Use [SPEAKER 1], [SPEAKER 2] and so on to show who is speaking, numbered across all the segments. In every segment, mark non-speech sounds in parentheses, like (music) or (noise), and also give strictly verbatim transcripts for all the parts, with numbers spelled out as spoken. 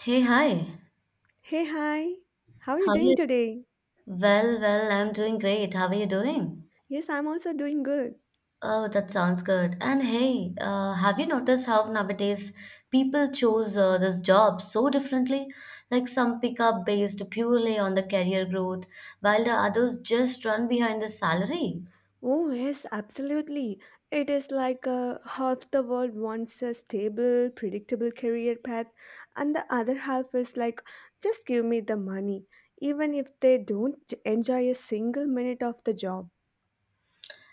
[SPEAKER 1] Hey, hi.
[SPEAKER 2] Hey, hi. How are you
[SPEAKER 1] How are
[SPEAKER 2] doing
[SPEAKER 1] you?
[SPEAKER 2] today?
[SPEAKER 1] Well, well, I'm doing great. How are you doing?
[SPEAKER 2] Yes, I'm also doing good.
[SPEAKER 1] Oh, that sounds good. And hey, uh, have you noticed how nowadays people choose uh, this job so differently? Like some pick up based purely on the career growth, while the others just run behind the salary.
[SPEAKER 2] Oh, yes, absolutely. It is like uh, half the world wants a stable, predictable career path, and the other half is like, just give me the money, even if they don't j- enjoy a single minute of the job.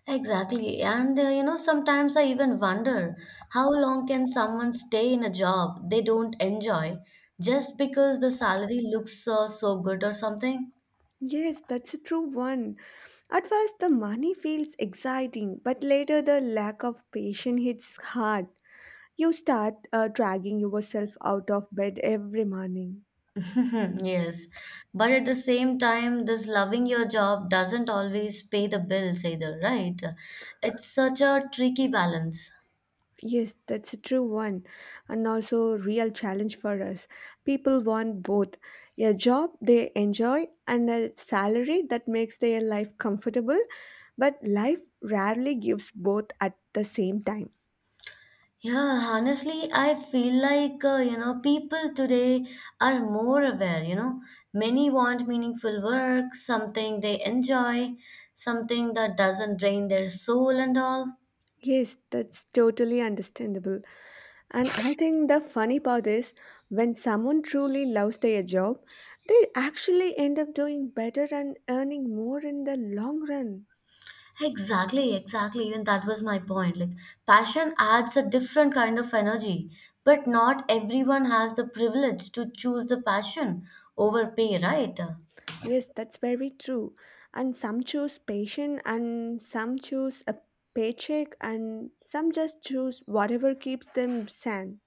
[SPEAKER 1] Exactly. And uh, you know, sometimes I even wonder how long can someone stay in a job they don't enjoy just because the salary looks uh, so good or something?
[SPEAKER 2] Yes, that's a true one. At first, the money feels exciting, but later, the lack of patience hits hard. You start uh, dragging yourself out of bed every morning.
[SPEAKER 1] (laughs) Yes, but at the same time, this loving your job doesn't always pay the bills either, right? It's such a tricky balance.
[SPEAKER 2] Yes, that's a true one, and also real challenge for us. People want both a job they enjoy and a salary that makes their life comfortable, but life rarely gives both at the same time.
[SPEAKER 1] Yeah, honestly, I feel like, uh, you know, people today are more aware, you know. Many want meaningful work, something they enjoy, something that doesn't drain their soul and all.
[SPEAKER 2] Yes, that's totally understandable. And I think the funny part is when someone truly loves their job, they actually end up doing better and earning more in the long run.
[SPEAKER 1] Exactly, exactly. Even that was my point. Like, passion adds a different kind of energy, but not everyone has the privilege to choose the passion over pay, right?
[SPEAKER 2] Yes, that's very true. And some choose patience, and some choose a paycheck, and some just choose whatever keeps them sane.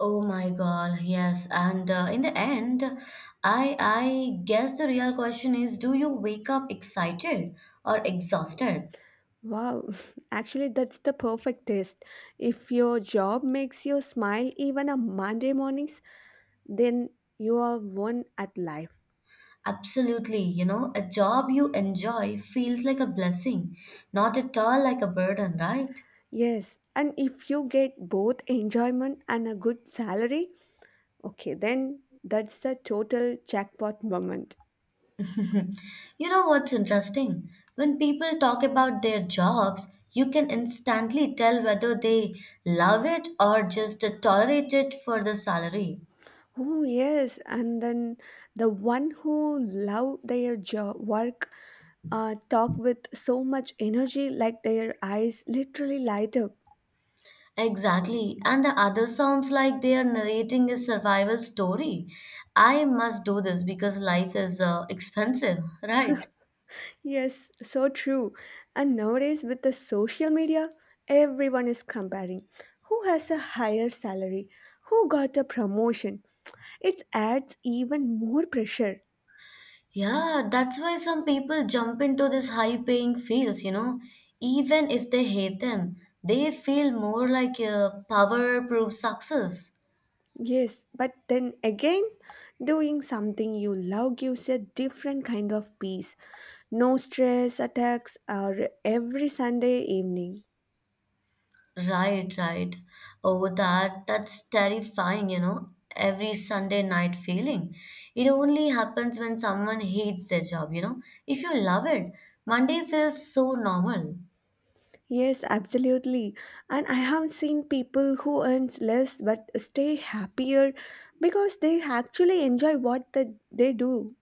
[SPEAKER 1] Oh my God, yes. And uh, in the end, I I guess the real question is, do you wake up excited or exhausted?
[SPEAKER 2] Wow, (laughs) actually, that's the perfect test. If your job makes you smile even on Monday mornings, then you are won at life.
[SPEAKER 1] Absolutely, you know, a job you enjoy feels like a blessing, not at all like a burden, right?
[SPEAKER 2] Yes, and if you get both enjoyment and a good salary, okay, then that's the total jackpot moment.
[SPEAKER 1] Hmm. You know what's interesting? When people talk about their jobs, you can instantly tell whether they love it or just tolerate it for the salary.
[SPEAKER 2] Oh, yes, and then the one who love their job work uh, talk with so much energy, like their eyes literally light up.
[SPEAKER 1] Exactly. And the other sounds like they are narrating a survival story. I must do this because life is uh, expensive, (laughs) right?
[SPEAKER 2] Yes, so true. And nowadays with the social media, everyone is comparing who has a higher salary, who got a promotion. It adds even more pressure.
[SPEAKER 1] Yeah, that's why some people jump into these high paying fields, you know, even if they hate them. They feel more like a power proof success.
[SPEAKER 2] Yes, but then again, doing something you love gives a different kind of peace. No stress attacks are every Sunday evening.
[SPEAKER 1] Right, right. Oh, that that's terrifying, you know. Every Sunday night feeling. It only happens when someone hates their job, you know. If you love it, Monday feels so normal.
[SPEAKER 2] Yes, absolutely. And I have seen people who earn less but stay happier because they actually enjoy what the, they do.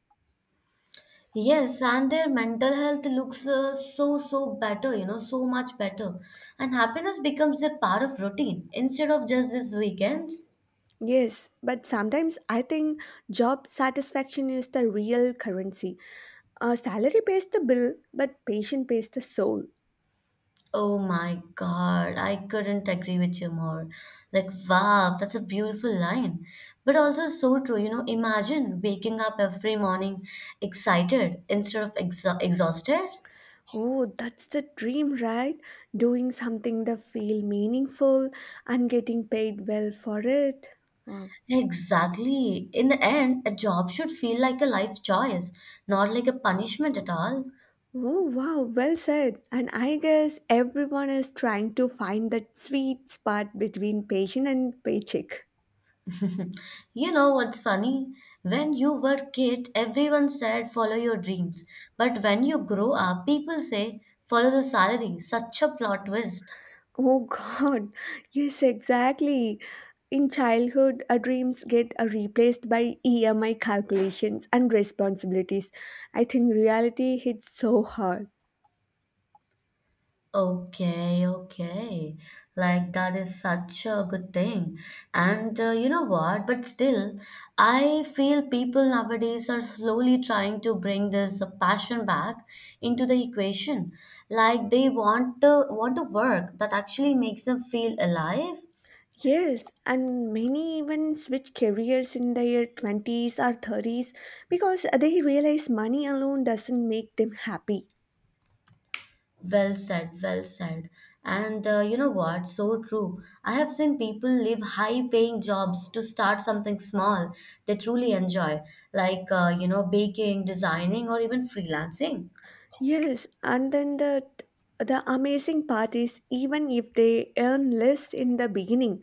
[SPEAKER 1] Yes, and their mental health looks uh, so, so better, you know, so much better. And happiness becomes a part of routine instead of just these weekends.
[SPEAKER 2] Yes, but sometimes I think job satisfaction is the real currency. Uh, salary pays the bill, but patient pays the soul.
[SPEAKER 1] Oh my God, I couldn't agree with you more. Like, wow, that's a beautiful line. But also so true, you know, imagine waking up every morning excited instead of exa exhausted.
[SPEAKER 2] Oh, that's the dream, right? Doing something that feel meaningful and getting paid well for it. Wow.
[SPEAKER 1] Exactly. In the end, a job should feel like a life choice, not like a punishment at all.
[SPEAKER 2] Oh, wow, well said. And I guess everyone is trying to find that sweet spot between patient and paycheck.
[SPEAKER 1] (laughs) You know what's funny? When you were kid, everyone said follow your dreams. But when you grow up, people say follow the salary. Such a plot twist.
[SPEAKER 2] Oh, (laughs) God. Yes, exactly. In childhood, our dreams get uh, replaced by E M I calculations and responsibilities. I think reality hits so hard.
[SPEAKER 1] Okay, okay. Like that is such a good thing. And uh, you know what? But still, I feel people nowadays are slowly trying to bring this uh, passion back into the equation. Like they want to want to work that actually makes them feel alive.
[SPEAKER 2] Yes, and many even switch careers in their twenties or thirties because they realize money alone doesn't make them happy.
[SPEAKER 1] Well said, well said. And uh, you know what? So true. I have seen people leave high paying jobs to start something small they truly enjoy, like, uh, you know, baking, designing, or even freelancing.
[SPEAKER 2] Yes, and then the the amazing part is even if they earn less in the beginning,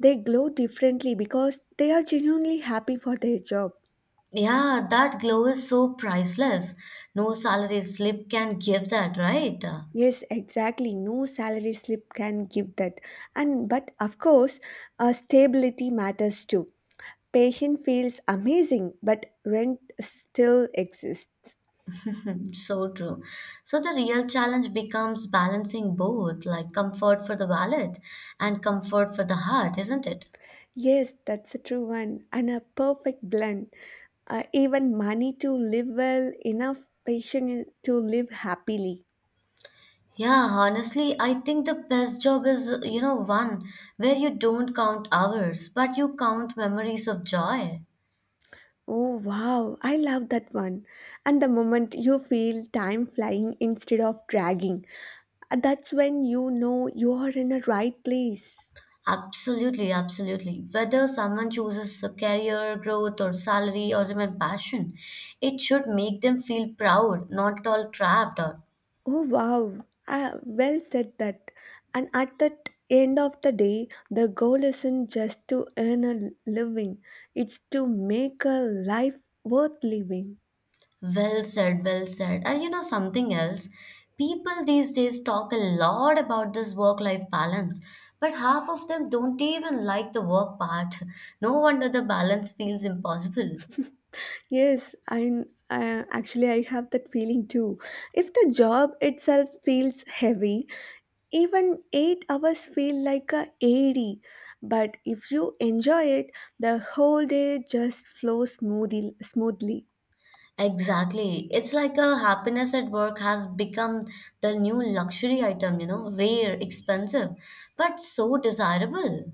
[SPEAKER 2] they glow differently because they are genuinely happy for their job.
[SPEAKER 1] Yeah, that glow is so priceless. No salary slip can give that, right?
[SPEAKER 2] Yes, exactly. No salary slip can give that. And but of course, uh, stability matters too. Patient feels amazing, but rent still exists.
[SPEAKER 1] So true. So the real challenge becomes balancing both, like comfort for the wallet and comfort for the heart, isn't it?
[SPEAKER 2] Yes, that's a true one, and a perfect blend. uh, even money to live well, enough patience to live happily.
[SPEAKER 1] Yeah, honestly, I think the best job is, you know, one where you don't count hours, but you count memories of joy.
[SPEAKER 2] Oh wow, I love that one. And the moment you feel time flying instead of dragging, uh, that's when you know you are in the right place.
[SPEAKER 1] Absolutely, absolutely. Whether someone chooses a career, growth, or salary, or even passion, it should make them feel proud, not at all trapped.
[SPEAKER 2] Oh wow, ah, well said that. And at the end of the day, the goal isn't just to earn a living, it's to make a life worth living.
[SPEAKER 1] Well said, well said. And you know something else? People these days talk a lot about this work-life balance, but half of them don't even like the work part. (laughs) No wonder the balance feels impossible.
[SPEAKER 2] Yes, and uh, actually, I have that feeling too. If the job itself feels heavy, even eight hours feel like a eighty. But if you enjoy it, the whole day just flows smoothly. Smoothly.
[SPEAKER 1] Exactly. It's like a happiness at work has become the new luxury item, you know, rare, expensive, but so desirable.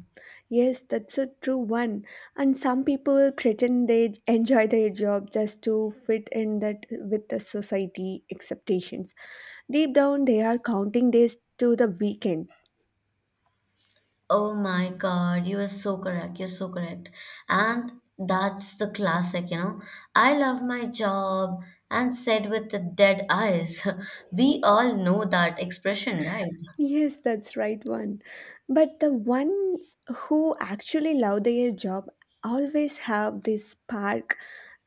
[SPEAKER 2] Yes, that's a true one. And some people pretend they enjoy their job just to fit in that with the society expectations. Deep down, they are counting days to the weekend.
[SPEAKER 1] Oh my God, you are so correct. You're so correct. And that's the classic, you know. I love my job and said with the dead eyes. (laughs) We all know that expression, right?
[SPEAKER 2] Yes, that's right one. But the ones who actually love their job always have this spark,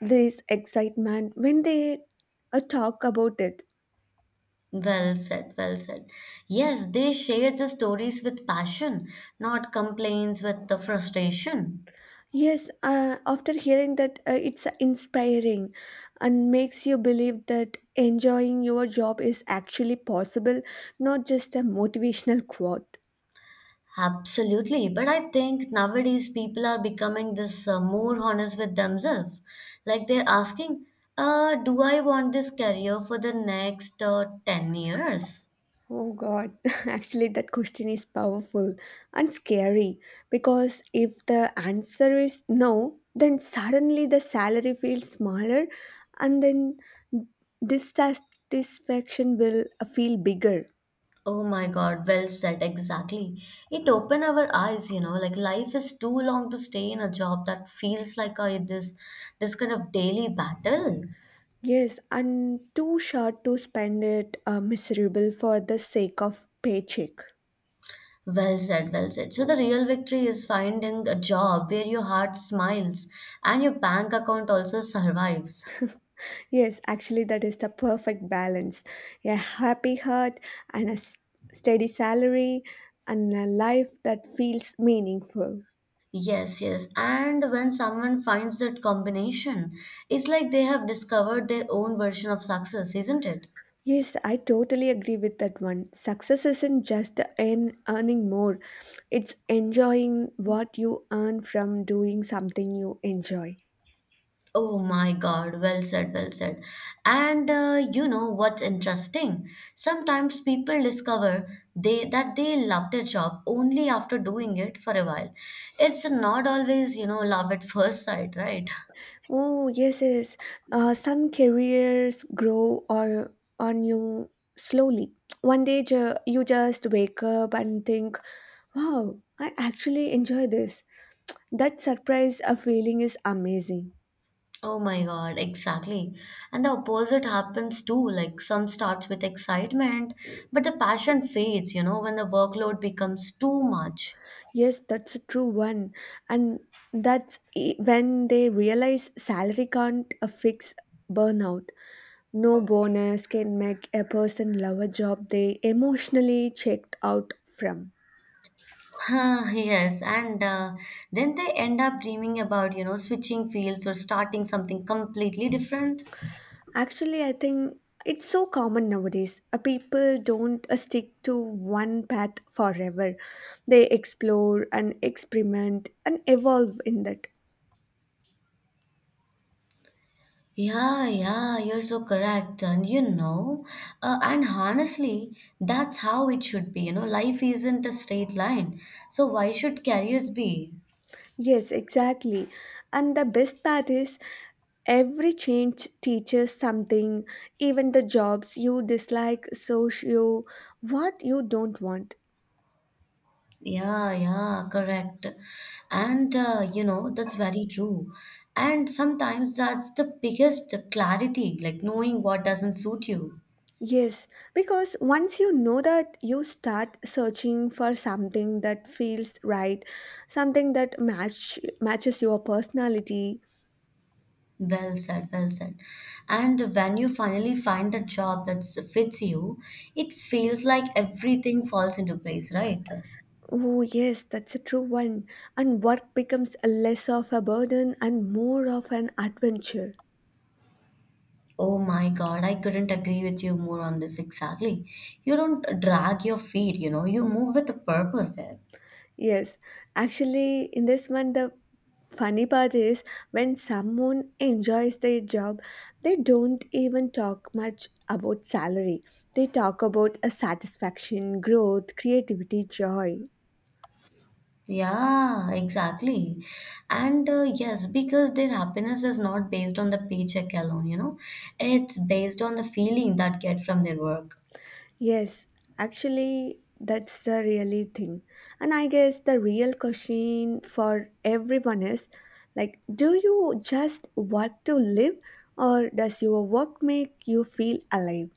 [SPEAKER 2] this excitement when they uh, talk about it.
[SPEAKER 1] Well said, well said. Yes, they share the stories with passion, not complaints with the frustration.
[SPEAKER 2] Yes, uh, after hearing that, uh, it's inspiring and makes you believe that enjoying your job is actually possible, not just a motivational quote.
[SPEAKER 1] Absolutely, but I think nowadays people are becoming this uh, more honest with themselves. Like they're asking, uh, do I want this career for the next uh, ten years?
[SPEAKER 2] Oh God, (laughs) actually, that question is powerful and scary because if the answer is no, then suddenly the salary feels smaller and then dissatisfaction will uh, feel bigger.
[SPEAKER 1] Oh my God, well said, exactly. It opened our eyes, you know, like life is too long to stay in a job that feels like a, this this kind of daily battle.
[SPEAKER 2] Yes, and too short to spend it uh, miserable for the sake of paycheck.
[SPEAKER 1] Well said, well said. So the real victory is finding a job where your heart smiles and your bank account also survives. (laughs)
[SPEAKER 2] Yes, actually, that is the perfect balance. A happy heart and a s- steady salary and a life that feels meaningful.
[SPEAKER 1] Yes, yes. And when someone finds that combination, it's like they have discovered their own version of success, isn't it?
[SPEAKER 2] Yes, I totally agree with that one. Success isn't just in earning more, it's enjoying what you earn from doing something you enjoy.
[SPEAKER 1] Oh my God, well said, well said. And uh, you know what's interesting? Sometimes people discover they that they love their job only after doing it for a while. It's not always, you know, love at first sight, right? (laughs)
[SPEAKER 2] Oh, yes, yes. Uh, some careers grow or on you slowly. One day ju- you just wake up and think, wow, I actually enjoy this. That surprise of feeling is amazing.
[SPEAKER 1] Oh my God, exactly. And the opposite happens too. Like some starts with excitement, but the passion fades, you know, when the workload becomes too much. (laughs)
[SPEAKER 2] Yes, that's a true one. And that's e- when they realize salary can't uh, fix burnout. No bonus can make a person love a job they emotionally checked out from.
[SPEAKER 1] Huh, yes, and uh, then they end up dreaming about, you know, switching fields or starting something completely different.
[SPEAKER 2] Actually, I think it's so common nowadays. Uh, People don't uh, stick to one path forever. They explore and experiment and evolve in that.
[SPEAKER 1] Yeah, yeah, you're so correct. And you know, uh, and honestly, that's how it should be. You know, life isn't a straight line. So why should careers be?
[SPEAKER 2] Yes, exactly. And the best part is every change teaches something, even the jobs you dislike, socio, what you don't want.
[SPEAKER 1] Yeah, yeah, correct. And uh, you know, that's very true. And sometimes that's the biggest clarity, like knowing what doesn't suit you.
[SPEAKER 2] Yes, because once you know that, you start searching for something that feels right, something that match matches your personality.
[SPEAKER 1] Well said, well said. And when you finally find a job that fits you, it feels like everything falls into place, right?
[SPEAKER 2] Oh, yes, that's a true one. And work becomes less of a burden and more of an adventure.
[SPEAKER 1] Oh my God, I couldn't agree with you more on this exactly. You don't drag your feet, you know, you move with a purpose there.
[SPEAKER 2] Yes, actually, in this one, the funny part is when someone enjoys their job, they don't even talk much about salary. They talk about a satisfaction, growth, creativity, joy.
[SPEAKER 1] Yeah, exactly. And uh, yes, because their happiness is not based on the paycheck alone, you know, it's based on the feeling that get from their work.
[SPEAKER 2] Yes, actually, that's the really thing. And I guess the real question for everyone is like, do you just want to live, or does your work make you feel alive?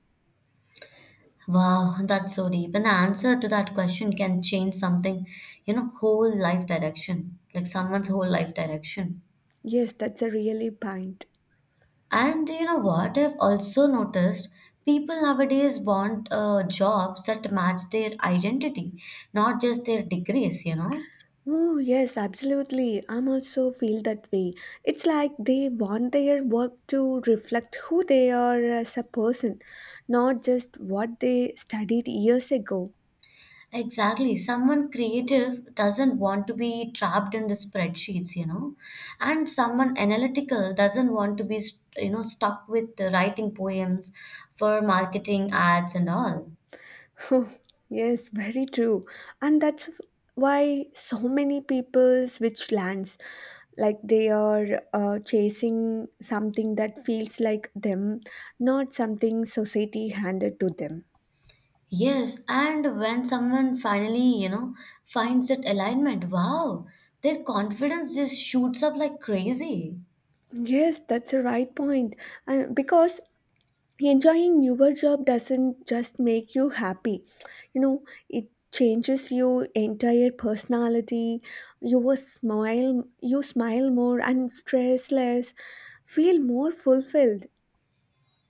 [SPEAKER 1] Wow, that's so deep. An answer to that question can change something, you know, whole life direction, like someone's whole life direction.
[SPEAKER 2] Yes, that's a really point.
[SPEAKER 1] And you know what? I've also noticed people nowadays want uh, jobs that match their identity, not just their degrees, you know.
[SPEAKER 2] Oh, yes, absolutely. I'm also feel that way. It's like they want their work to reflect who they are as a person, not just what they studied years ago. (laughs)
[SPEAKER 1] Exactly. Someone creative doesn't want to be trapped in the spreadsheets, you know, and someone analytical doesn't want to be, st- you know, stuck with the writing poems for marketing ads and all.
[SPEAKER 2] Oh, yes, very true. And that's why so many people switch lands, like they are uh, chasing something that feels like them, not something society handed to them.
[SPEAKER 1] Yes, and when someone finally, you know, finds that alignment, wow, their confidence just shoots up like crazy.
[SPEAKER 2] Yes, that's a right point. And because enjoying your job doesn't just make you happy. You know it changes your entire personality, your smile. You smile more and stress less, feel more fulfilled.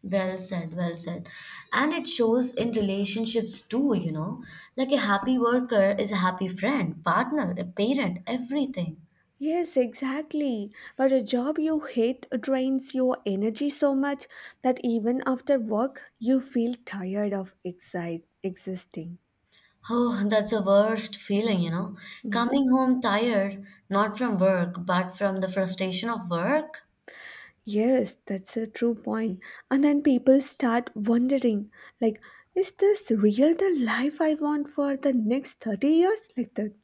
[SPEAKER 1] Well said, well said. And it shows in relationships too, you know. Like a happy worker is a happy friend, partner, a parent, everything.
[SPEAKER 2] Yes, exactly, but a job you hate drains your energy so much that even after work you feel tired of exi existing
[SPEAKER 1] Oh, that's the worst feeling, you know.
[SPEAKER 2] Yeah.
[SPEAKER 1] Coming home tired, not from work, but from the frustration of work.
[SPEAKER 2] Yes, that's a true point. And then people start wondering, like, is this real the life I want for the next thirty years? Like that.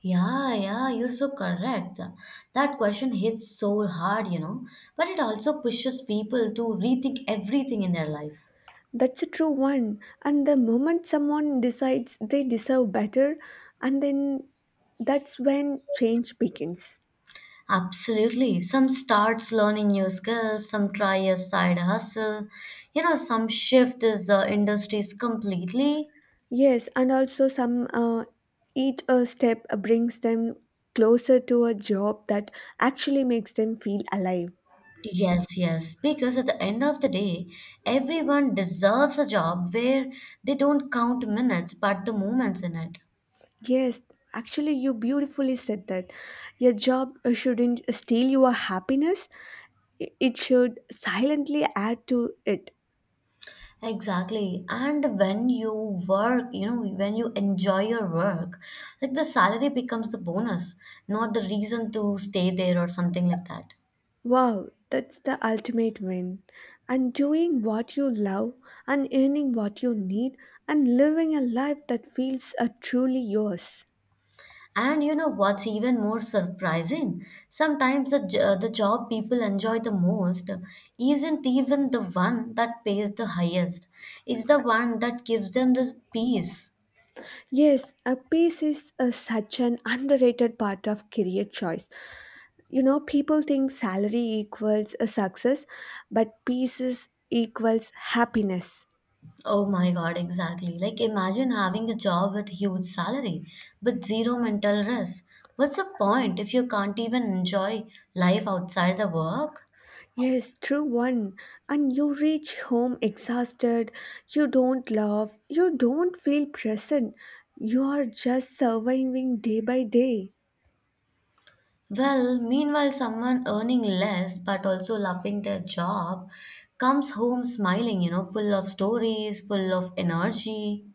[SPEAKER 1] Yeah, yeah, you're so correct. That question hits so hard, you know. But it also pushes people to rethink everything in their life.
[SPEAKER 2] That's a true one. And the moment someone decides they deserve better, and then that's when change begins.
[SPEAKER 1] Absolutely. Some starts learning new skills, some try a side hustle, you know, some shift these uh, industries completely.
[SPEAKER 2] Yes, and also some uh, each uh, step brings them closer to a job that actually makes them feel alive.
[SPEAKER 1] Yes, yes, because at the end of the day, everyone deserves a job where they don't count minutes but the moments in it.
[SPEAKER 2] Yes, actually, you beautifully said that. Your job uh, shouldn't steal your happiness, i- it should silently add to it.
[SPEAKER 1] Exactly. And when you work, you know, when you enjoy your work, like the salary becomes the bonus, not the reason to stay there or something like that.
[SPEAKER 2] Wow, that's the ultimate win. And doing what you love, and earning what you need, and living a life that feels uh, truly yours.
[SPEAKER 1] And you know what's even more surprising? Sometimes the, jo- the job people enjoy the most isn't even the one that pays the highest. It's the one that gives them this peace.
[SPEAKER 2] Yes, a peace is uh, such an underrated part of career choice. You know, people think salary equals a success, but peace is equals happiness.
[SPEAKER 1] Oh my God, exactly. Like imagine having a job with huge salary but zero mental rest. What's the point if you can't even enjoy life outside the work?
[SPEAKER 2] Yes, true one. And you reach home exhausted, you don't laugh, you don't feel present, you are just surviving day by day.
[SPEAKER 1] Well, meanwhile, someone earning less but also loving their job comes home smiling, you know, full of stories, full of energy.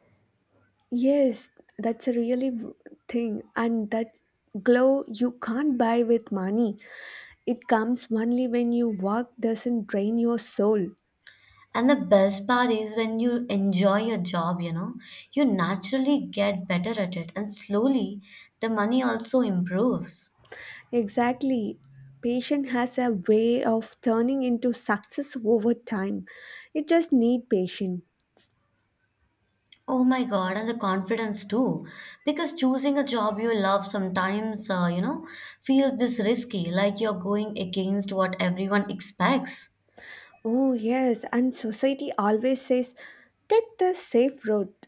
[SPEAKER 2] Yes, that's a really v- thing, and that glow you can't buy with money. It comes only when your work doesn't drain your soul.
[SPEAKER 1] And the best part is when you enjoy your job, you know, you naturally get better at it, and slowly the money also improves.
[SPEAKER 2] Exactly. Patient has a way of turning into success over time. You just need patience.
[SPEAKER 1] Oh my God, and the confidence too. Because choosing a job you love sometimes, uh, you know, feels this risky, like you're going against what everyone expects.
[SPEAKER 2] Oh yes, and society always says take the safe route.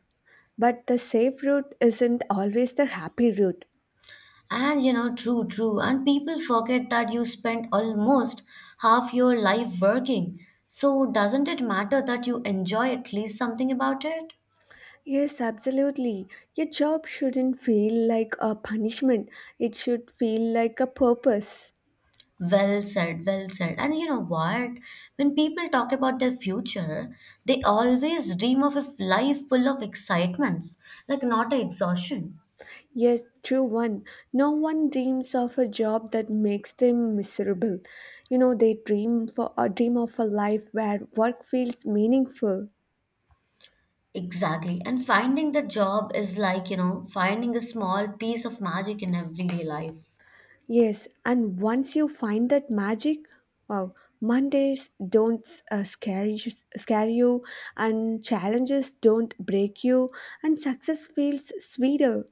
[SPEAKER 2] But the safe route isn't always the happy route.
[SPEAKER 1] And you know, true, true. And people forget that you spent almost half your life working. So doesn't it matter that you enjoy at least something about it?
[SPEAKER 2] Yes, absolutely. Your job shouldn't feel like a punishment, it should feel like a purpose.
[SPEAKER 1] Well said, well said. And you know what? When people talk about their future, they always dream of a life full of excitements, like not a exhaustion.
[SPEAKER 2] Yes, true one. No one dreams of a job that makes them miserable. You know, they dream for a dream of a life where work feels meaningful.
[SPEAKER 1] Exactly. And finding the job is like, you know, finding a small piece of magic in everyday life.
[SPEAKER 2] Yes, and once you find that magic, wow, Mondays don't uh, scare you, scare you, and challenges don't break you, and success feels sweeter.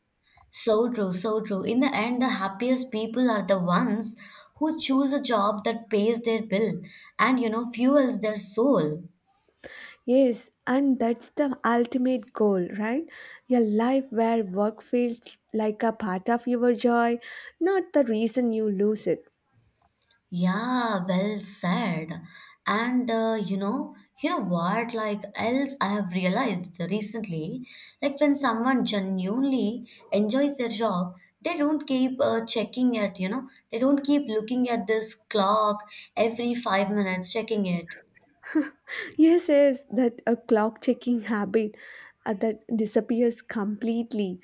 [SPEAKER 1] So true, so true. In the end, the happiest people are the ones who choose a job that pays their bill and, you know, fuels their soul.
[SPEAKER 2] Yes, and that's the ultimate goal, right? A life where work feels like a part of your joy, not the reason you lose it.
[SPEAKER 1] Yeah, well said. And uh, you know, you know what? Like else, I have realized recently, like when someone genuinely enjoys their job, they don't keep uh, checking it. You know, they don't keep looking at this clock every five minutes, checking it.
[SPEAKER 2] Yes, yes, that a clock checking habit uh, that disappears completely.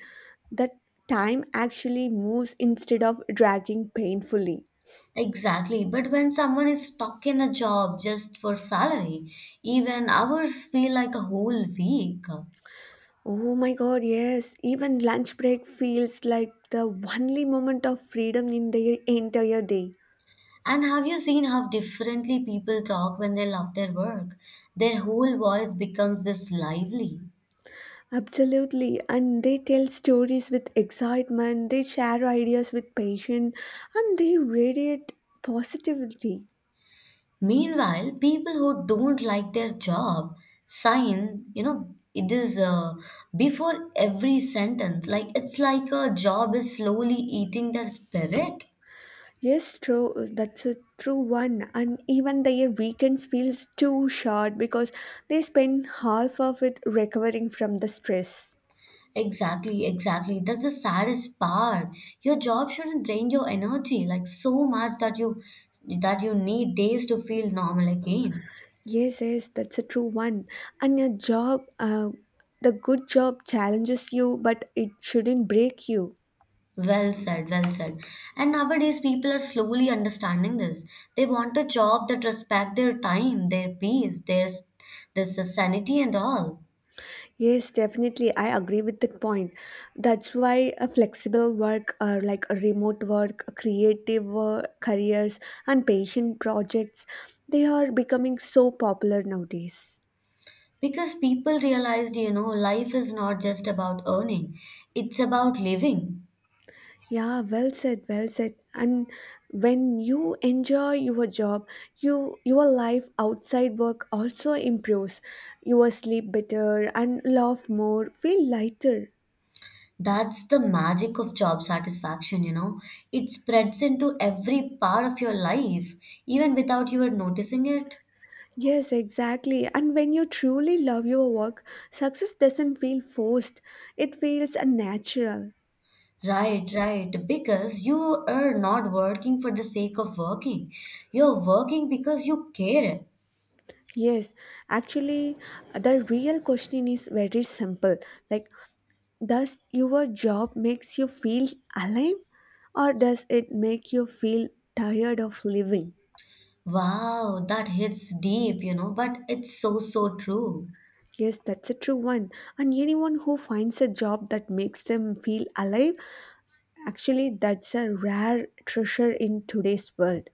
[SPEAKER 2] That time actually moves instead of dragging painfully.
[SPEAKER 1] Exactly. But when someone is stuck in a job just for salary, even hours feel like a whole week.
[SPEAKER 2] Oh my God, yes, even lunch break feels like the only moment of freedom in the entire day.
[SPEAKER 1] And have you seen how differently people talk when they love their work? Their whole voice becomes this lively.
[SPEAKER 2] Absolutely, and they tell stories with excitement, they share ideas with passion, and they radiate positivity.
[SPEAKER 1] Meanwhile, people who don't like their job sign, you know, it is uh, before every sentence. Like it's like a job is slowly eating their spirit.
[SPEAKER 2] Yes, true, that's a true one. And even their weekends feels too short because they spend half of it recovering from the stress.
[SPEAKER 1] Exactly, exactly. That's the saddest part. Your job shouldn't drain your energy like so much that you that you need days to feel normal again.
[SPEAKER 2] Yes, yes, that's a true one. And your job, uh, the good job challenges you, but it shouldn't break you.
[SPEAKER 1] Well said, well said. And nowadays people are slowly understanding this. They want a job that respect their time, their peace, their their sanity and all.
[SPEAKER 2] Yes, definitely. I agree with that point. That's why a flexible work or like a remote work, creative work, careers and patient projects, they are becoming so popular nowadays.
[SPEAKER 1] Because people realized, you know, life is not just about earning, it's about living.
[SPEAKER 2] Yeah, well said, well said. And when you enjoy your job, you your life outside work also improves. You will sleep better and laugh more, feel lighter.
[SPEAKER 1] That's the magic of job satisfaction, you know. It spreads into every part of your life, even without you are noticing it.
[SPEAKER 2] Yes, exactly. And when you truly love your work, success doesn't feel forced, it feels uh, natural.
[SPEAKER 1] Right, right. Because you are not working for the sake of working. You're working because you care.
[SPEAKER 2] Yes, actually, uh, the real question is very simple. Like, does your job makes you feel alive or does it make you feel tired of living?
[SPEAKER 1] Wow, that hits deep, you know, but it's so, so true.
[SPEAKER 2] Yes, that's a true one. And anyone who finds a job that makes them feel alive, actually, that's a rare treasure in today's world.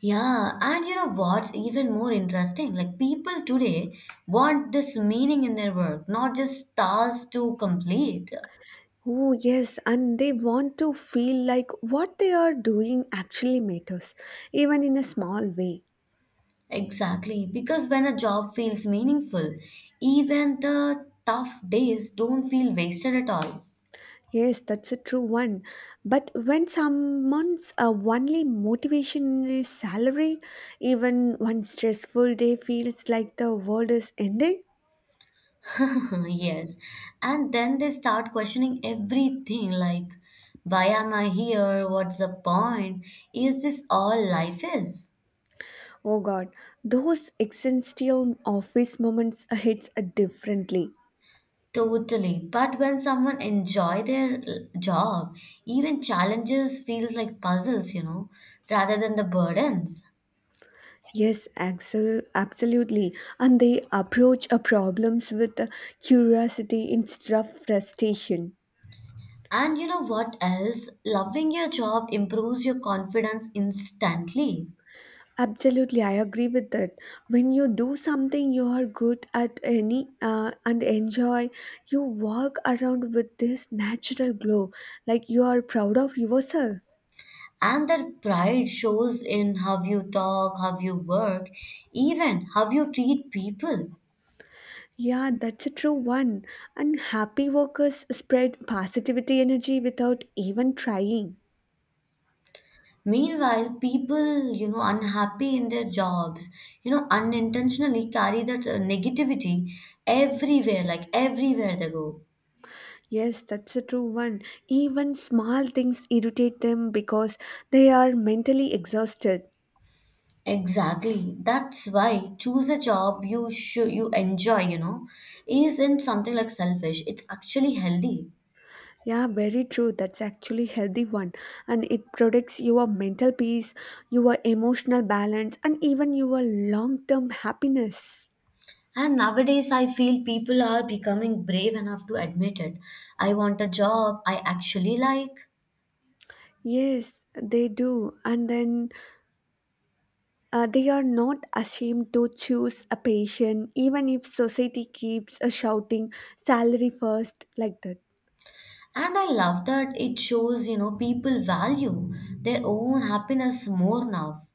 [SPEAKER 1] Yeah, and you know what's even more interesting? Like, people today want this meaning in their work, not just tasks to complete.
[SPEAKER 2] Oh, yes, and they want to feel like what they are doing actually matters, even in a small way.
[SPEAKER 1] Exactly, because when a job feels meaningful, even the tough days don't feel wasted at all.
[SPEAKER 2] Yes, that's a true one. But when someone's uh, only motivation is salary, even one stressful day feels like the world is ending.
[SPEAKER 1] (laughs) Yes, and then they start questioning everything like, why am I here? What's the point? Is this all life is?
[SPEAKER 2] Oh God, those existential office moments hits differently.
[SPEAKER 1] Totally. But when someone enjoy their l- job, even challenges feels like puzzles, you know, rather than the burdens.
[SPEAKER 2] Yes, Axel, absolutely. And they approach a problems with a curiosity instead of frustration.
[SPEAKER 1] And you know what else? Loving your job improves your confidence instantly.
[SPEAKER 2] Absolutely, I agree with that. When you do something you are good at any uh, and enjoy, you walk around with this natural glow, like you are proud of yourself.
[SPEAKER 1] And that pride shows in how you talk, how you work, even how you treat people.
[SPEAKER 2] Yeah, that's a true one. And happy workers spread positivity energy without even trying.
[SPEAKER 1] Meanwhile, people, you know, unhappy in their jobs, you know, unintentionally carry that uh, negativity everywhere, like everywhere they go.
[SPEAKER 2] Yes, that's a true one. Even small things irritate them because they are mentally exhausted.
[SPEAKER 1] Exactly. That's why choose a job you should you enjoy, you know, isn't something like selfish. It's actually healthy.
[SPEAKER 2] Yeah, very true. That's actually healthy one and it protects your mental peace, your emotional balance and even your long-term happiness.
[SPEAKER 1] And nowadays, I feel people are becoming brave enough to admit it. I want a job I actually like.
[SPEAKER 2] Yes, they do. And then uh, they are not ashamed to choose a patient even if society keeps uh, shouting salary first like that.
[SPEAKER 1] And I love that it shows, you know, people value their own happiness more now.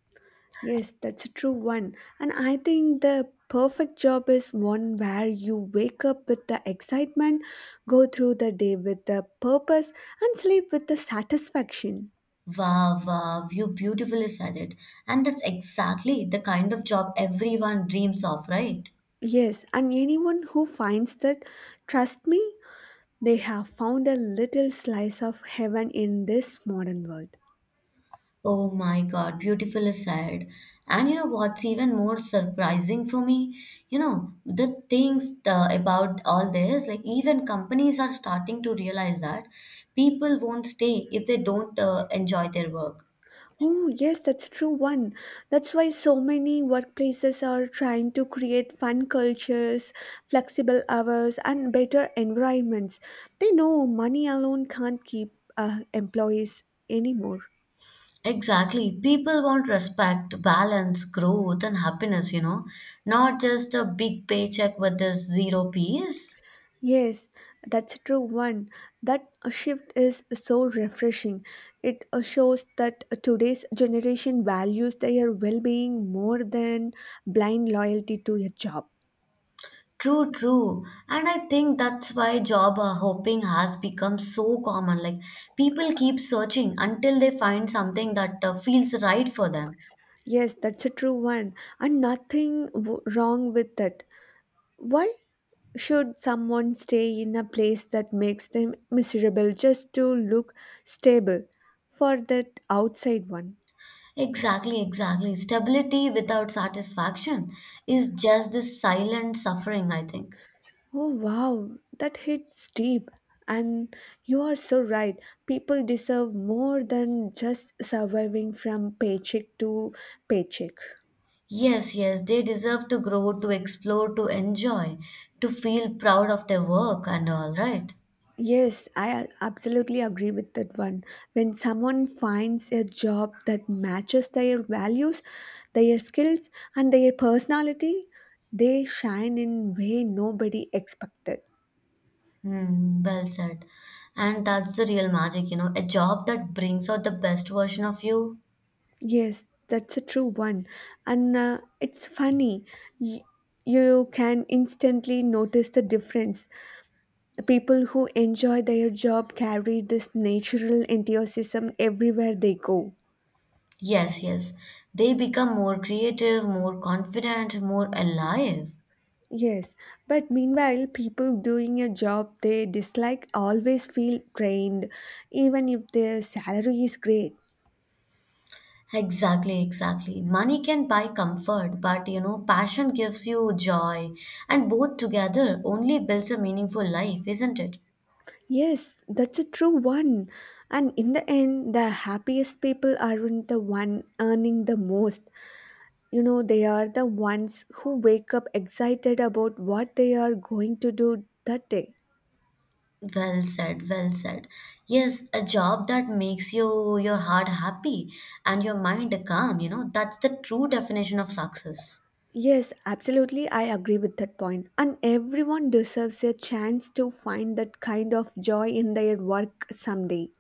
[SPEAKER 2] Yes, that's a true one. And I think the perfect job is one where you wake up with the excitement, go through the day with the purpose, and sleep with the satisfaction.
[SPEAKER 1] Wow, wow, you beautifully said it. And that's exactly the kind of job everyone dreams of, right?
[SPEAKER 2] Yes, and anyone who finds that, trust me, they have found a little slice of heaven in this modern world.
[SPEAKER 1] Oh my God, beautiful aside. And you know what's even more surprising for me? You know, the things uh, about all this, like even companies are starting to realize that people won't stay if they don't uh, enjoy their work.
[SPEAKER 2] Oh, yes, that's true one. That's why so many workplaces are trying to create fun cultures, flexible hours, and better environments. They know money alone can't keep uh, employees anymore.
[SPEAKER 1] Exactly. People want respect, balance, growth, and happiness, you know, not just a big paycheck with this zero peace.
[SPEAKER 2] Yes, that's true one. That shift is so refreshing. It uh, shows that today's generation values their well-being more than blind loyalty to a job.
[SPEAKER 1] True, true. And I think that's why job uh, hopping has become so common. Like people keep searching until they find something that uh, feels right for them.
[SPEAKER 2] Yes, that's a true one, and nothing w- wrong with that. Why should someone stay in a place that makes them miserable just to look stable for that outside one?
[SPEAKER 1] Exactly, exactly. Stability without satisfaction is just this silent suffering, I think.
[SPEAKER 2] Oh, wow, that hits deep. And you are so right. People deserve more than just surviving from paycheck to paycheck.
[SPEAKER 1] Yes, yes, they deserve to grow, to explore, to enjoy, to feel proud of their work and all, right?
[SPEAKER 2] Yes, I absolutely agree with that one. When someone finds a job that matches their values, their skills, and their personality, they shine in way nobody expected.
[SPEAKER 1] Hmm, well said. And that's the real magic, you know, a job that brings out the best version of you.
[SPEAKER 2] Yes, that's a true one. And uh, it's funny. Y- you can instantly notice the difference. The people who enjoy their job carry this natural enthusiasm everywhere they go.
[SPEAKER 1] Yes, yes. They become more creative, more confident, more alive.
[SPEAKER 2] Yes, but meanwhile, people doing a job they dislike always feel drained, even if their salary is great.
[SPEAKER 1] Exactly, exactly. Money can buy comfort, but you know, passion gives you joy, and both together only builds a meaningful life, isn't it?
[SPEAKER 2] Yes, that's a true one. And in the end, the happiest people aren't the one earning the most. You know, they are the ones who wake up excited about what they are going to do that day.
[SPEAKER 1] Well said, well said. Yes, a job that makes you your heart happy and your mind calm, you know, that's the true definition of success.
[SPEAKER 2] Yes, absolutely, I agree with that point. And everyone deserves a chance to find that kind of joy in their work someday.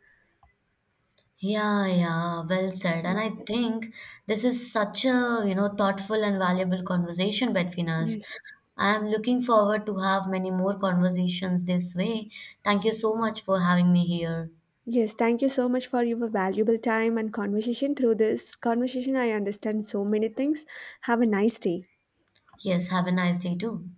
[SPEAKER 1] Yeah, yeah, well said. And
[SPEAKER 2] Mm,
[SPEAKER 1] I think this is such a, you know, thoughtful and valuable conversation between us.
[SPEAKER 2] yes.
[SPEAKER 1] I'm looking forward to have many more conversations this way. Thank you so much for having me here.
[SPEAKER 2] Yes, thank you so much for your valuable time and conversation. Through this conversation, I understand so many things. Have a nice day.
[SPEAKER 1] Yes, have a nice day too.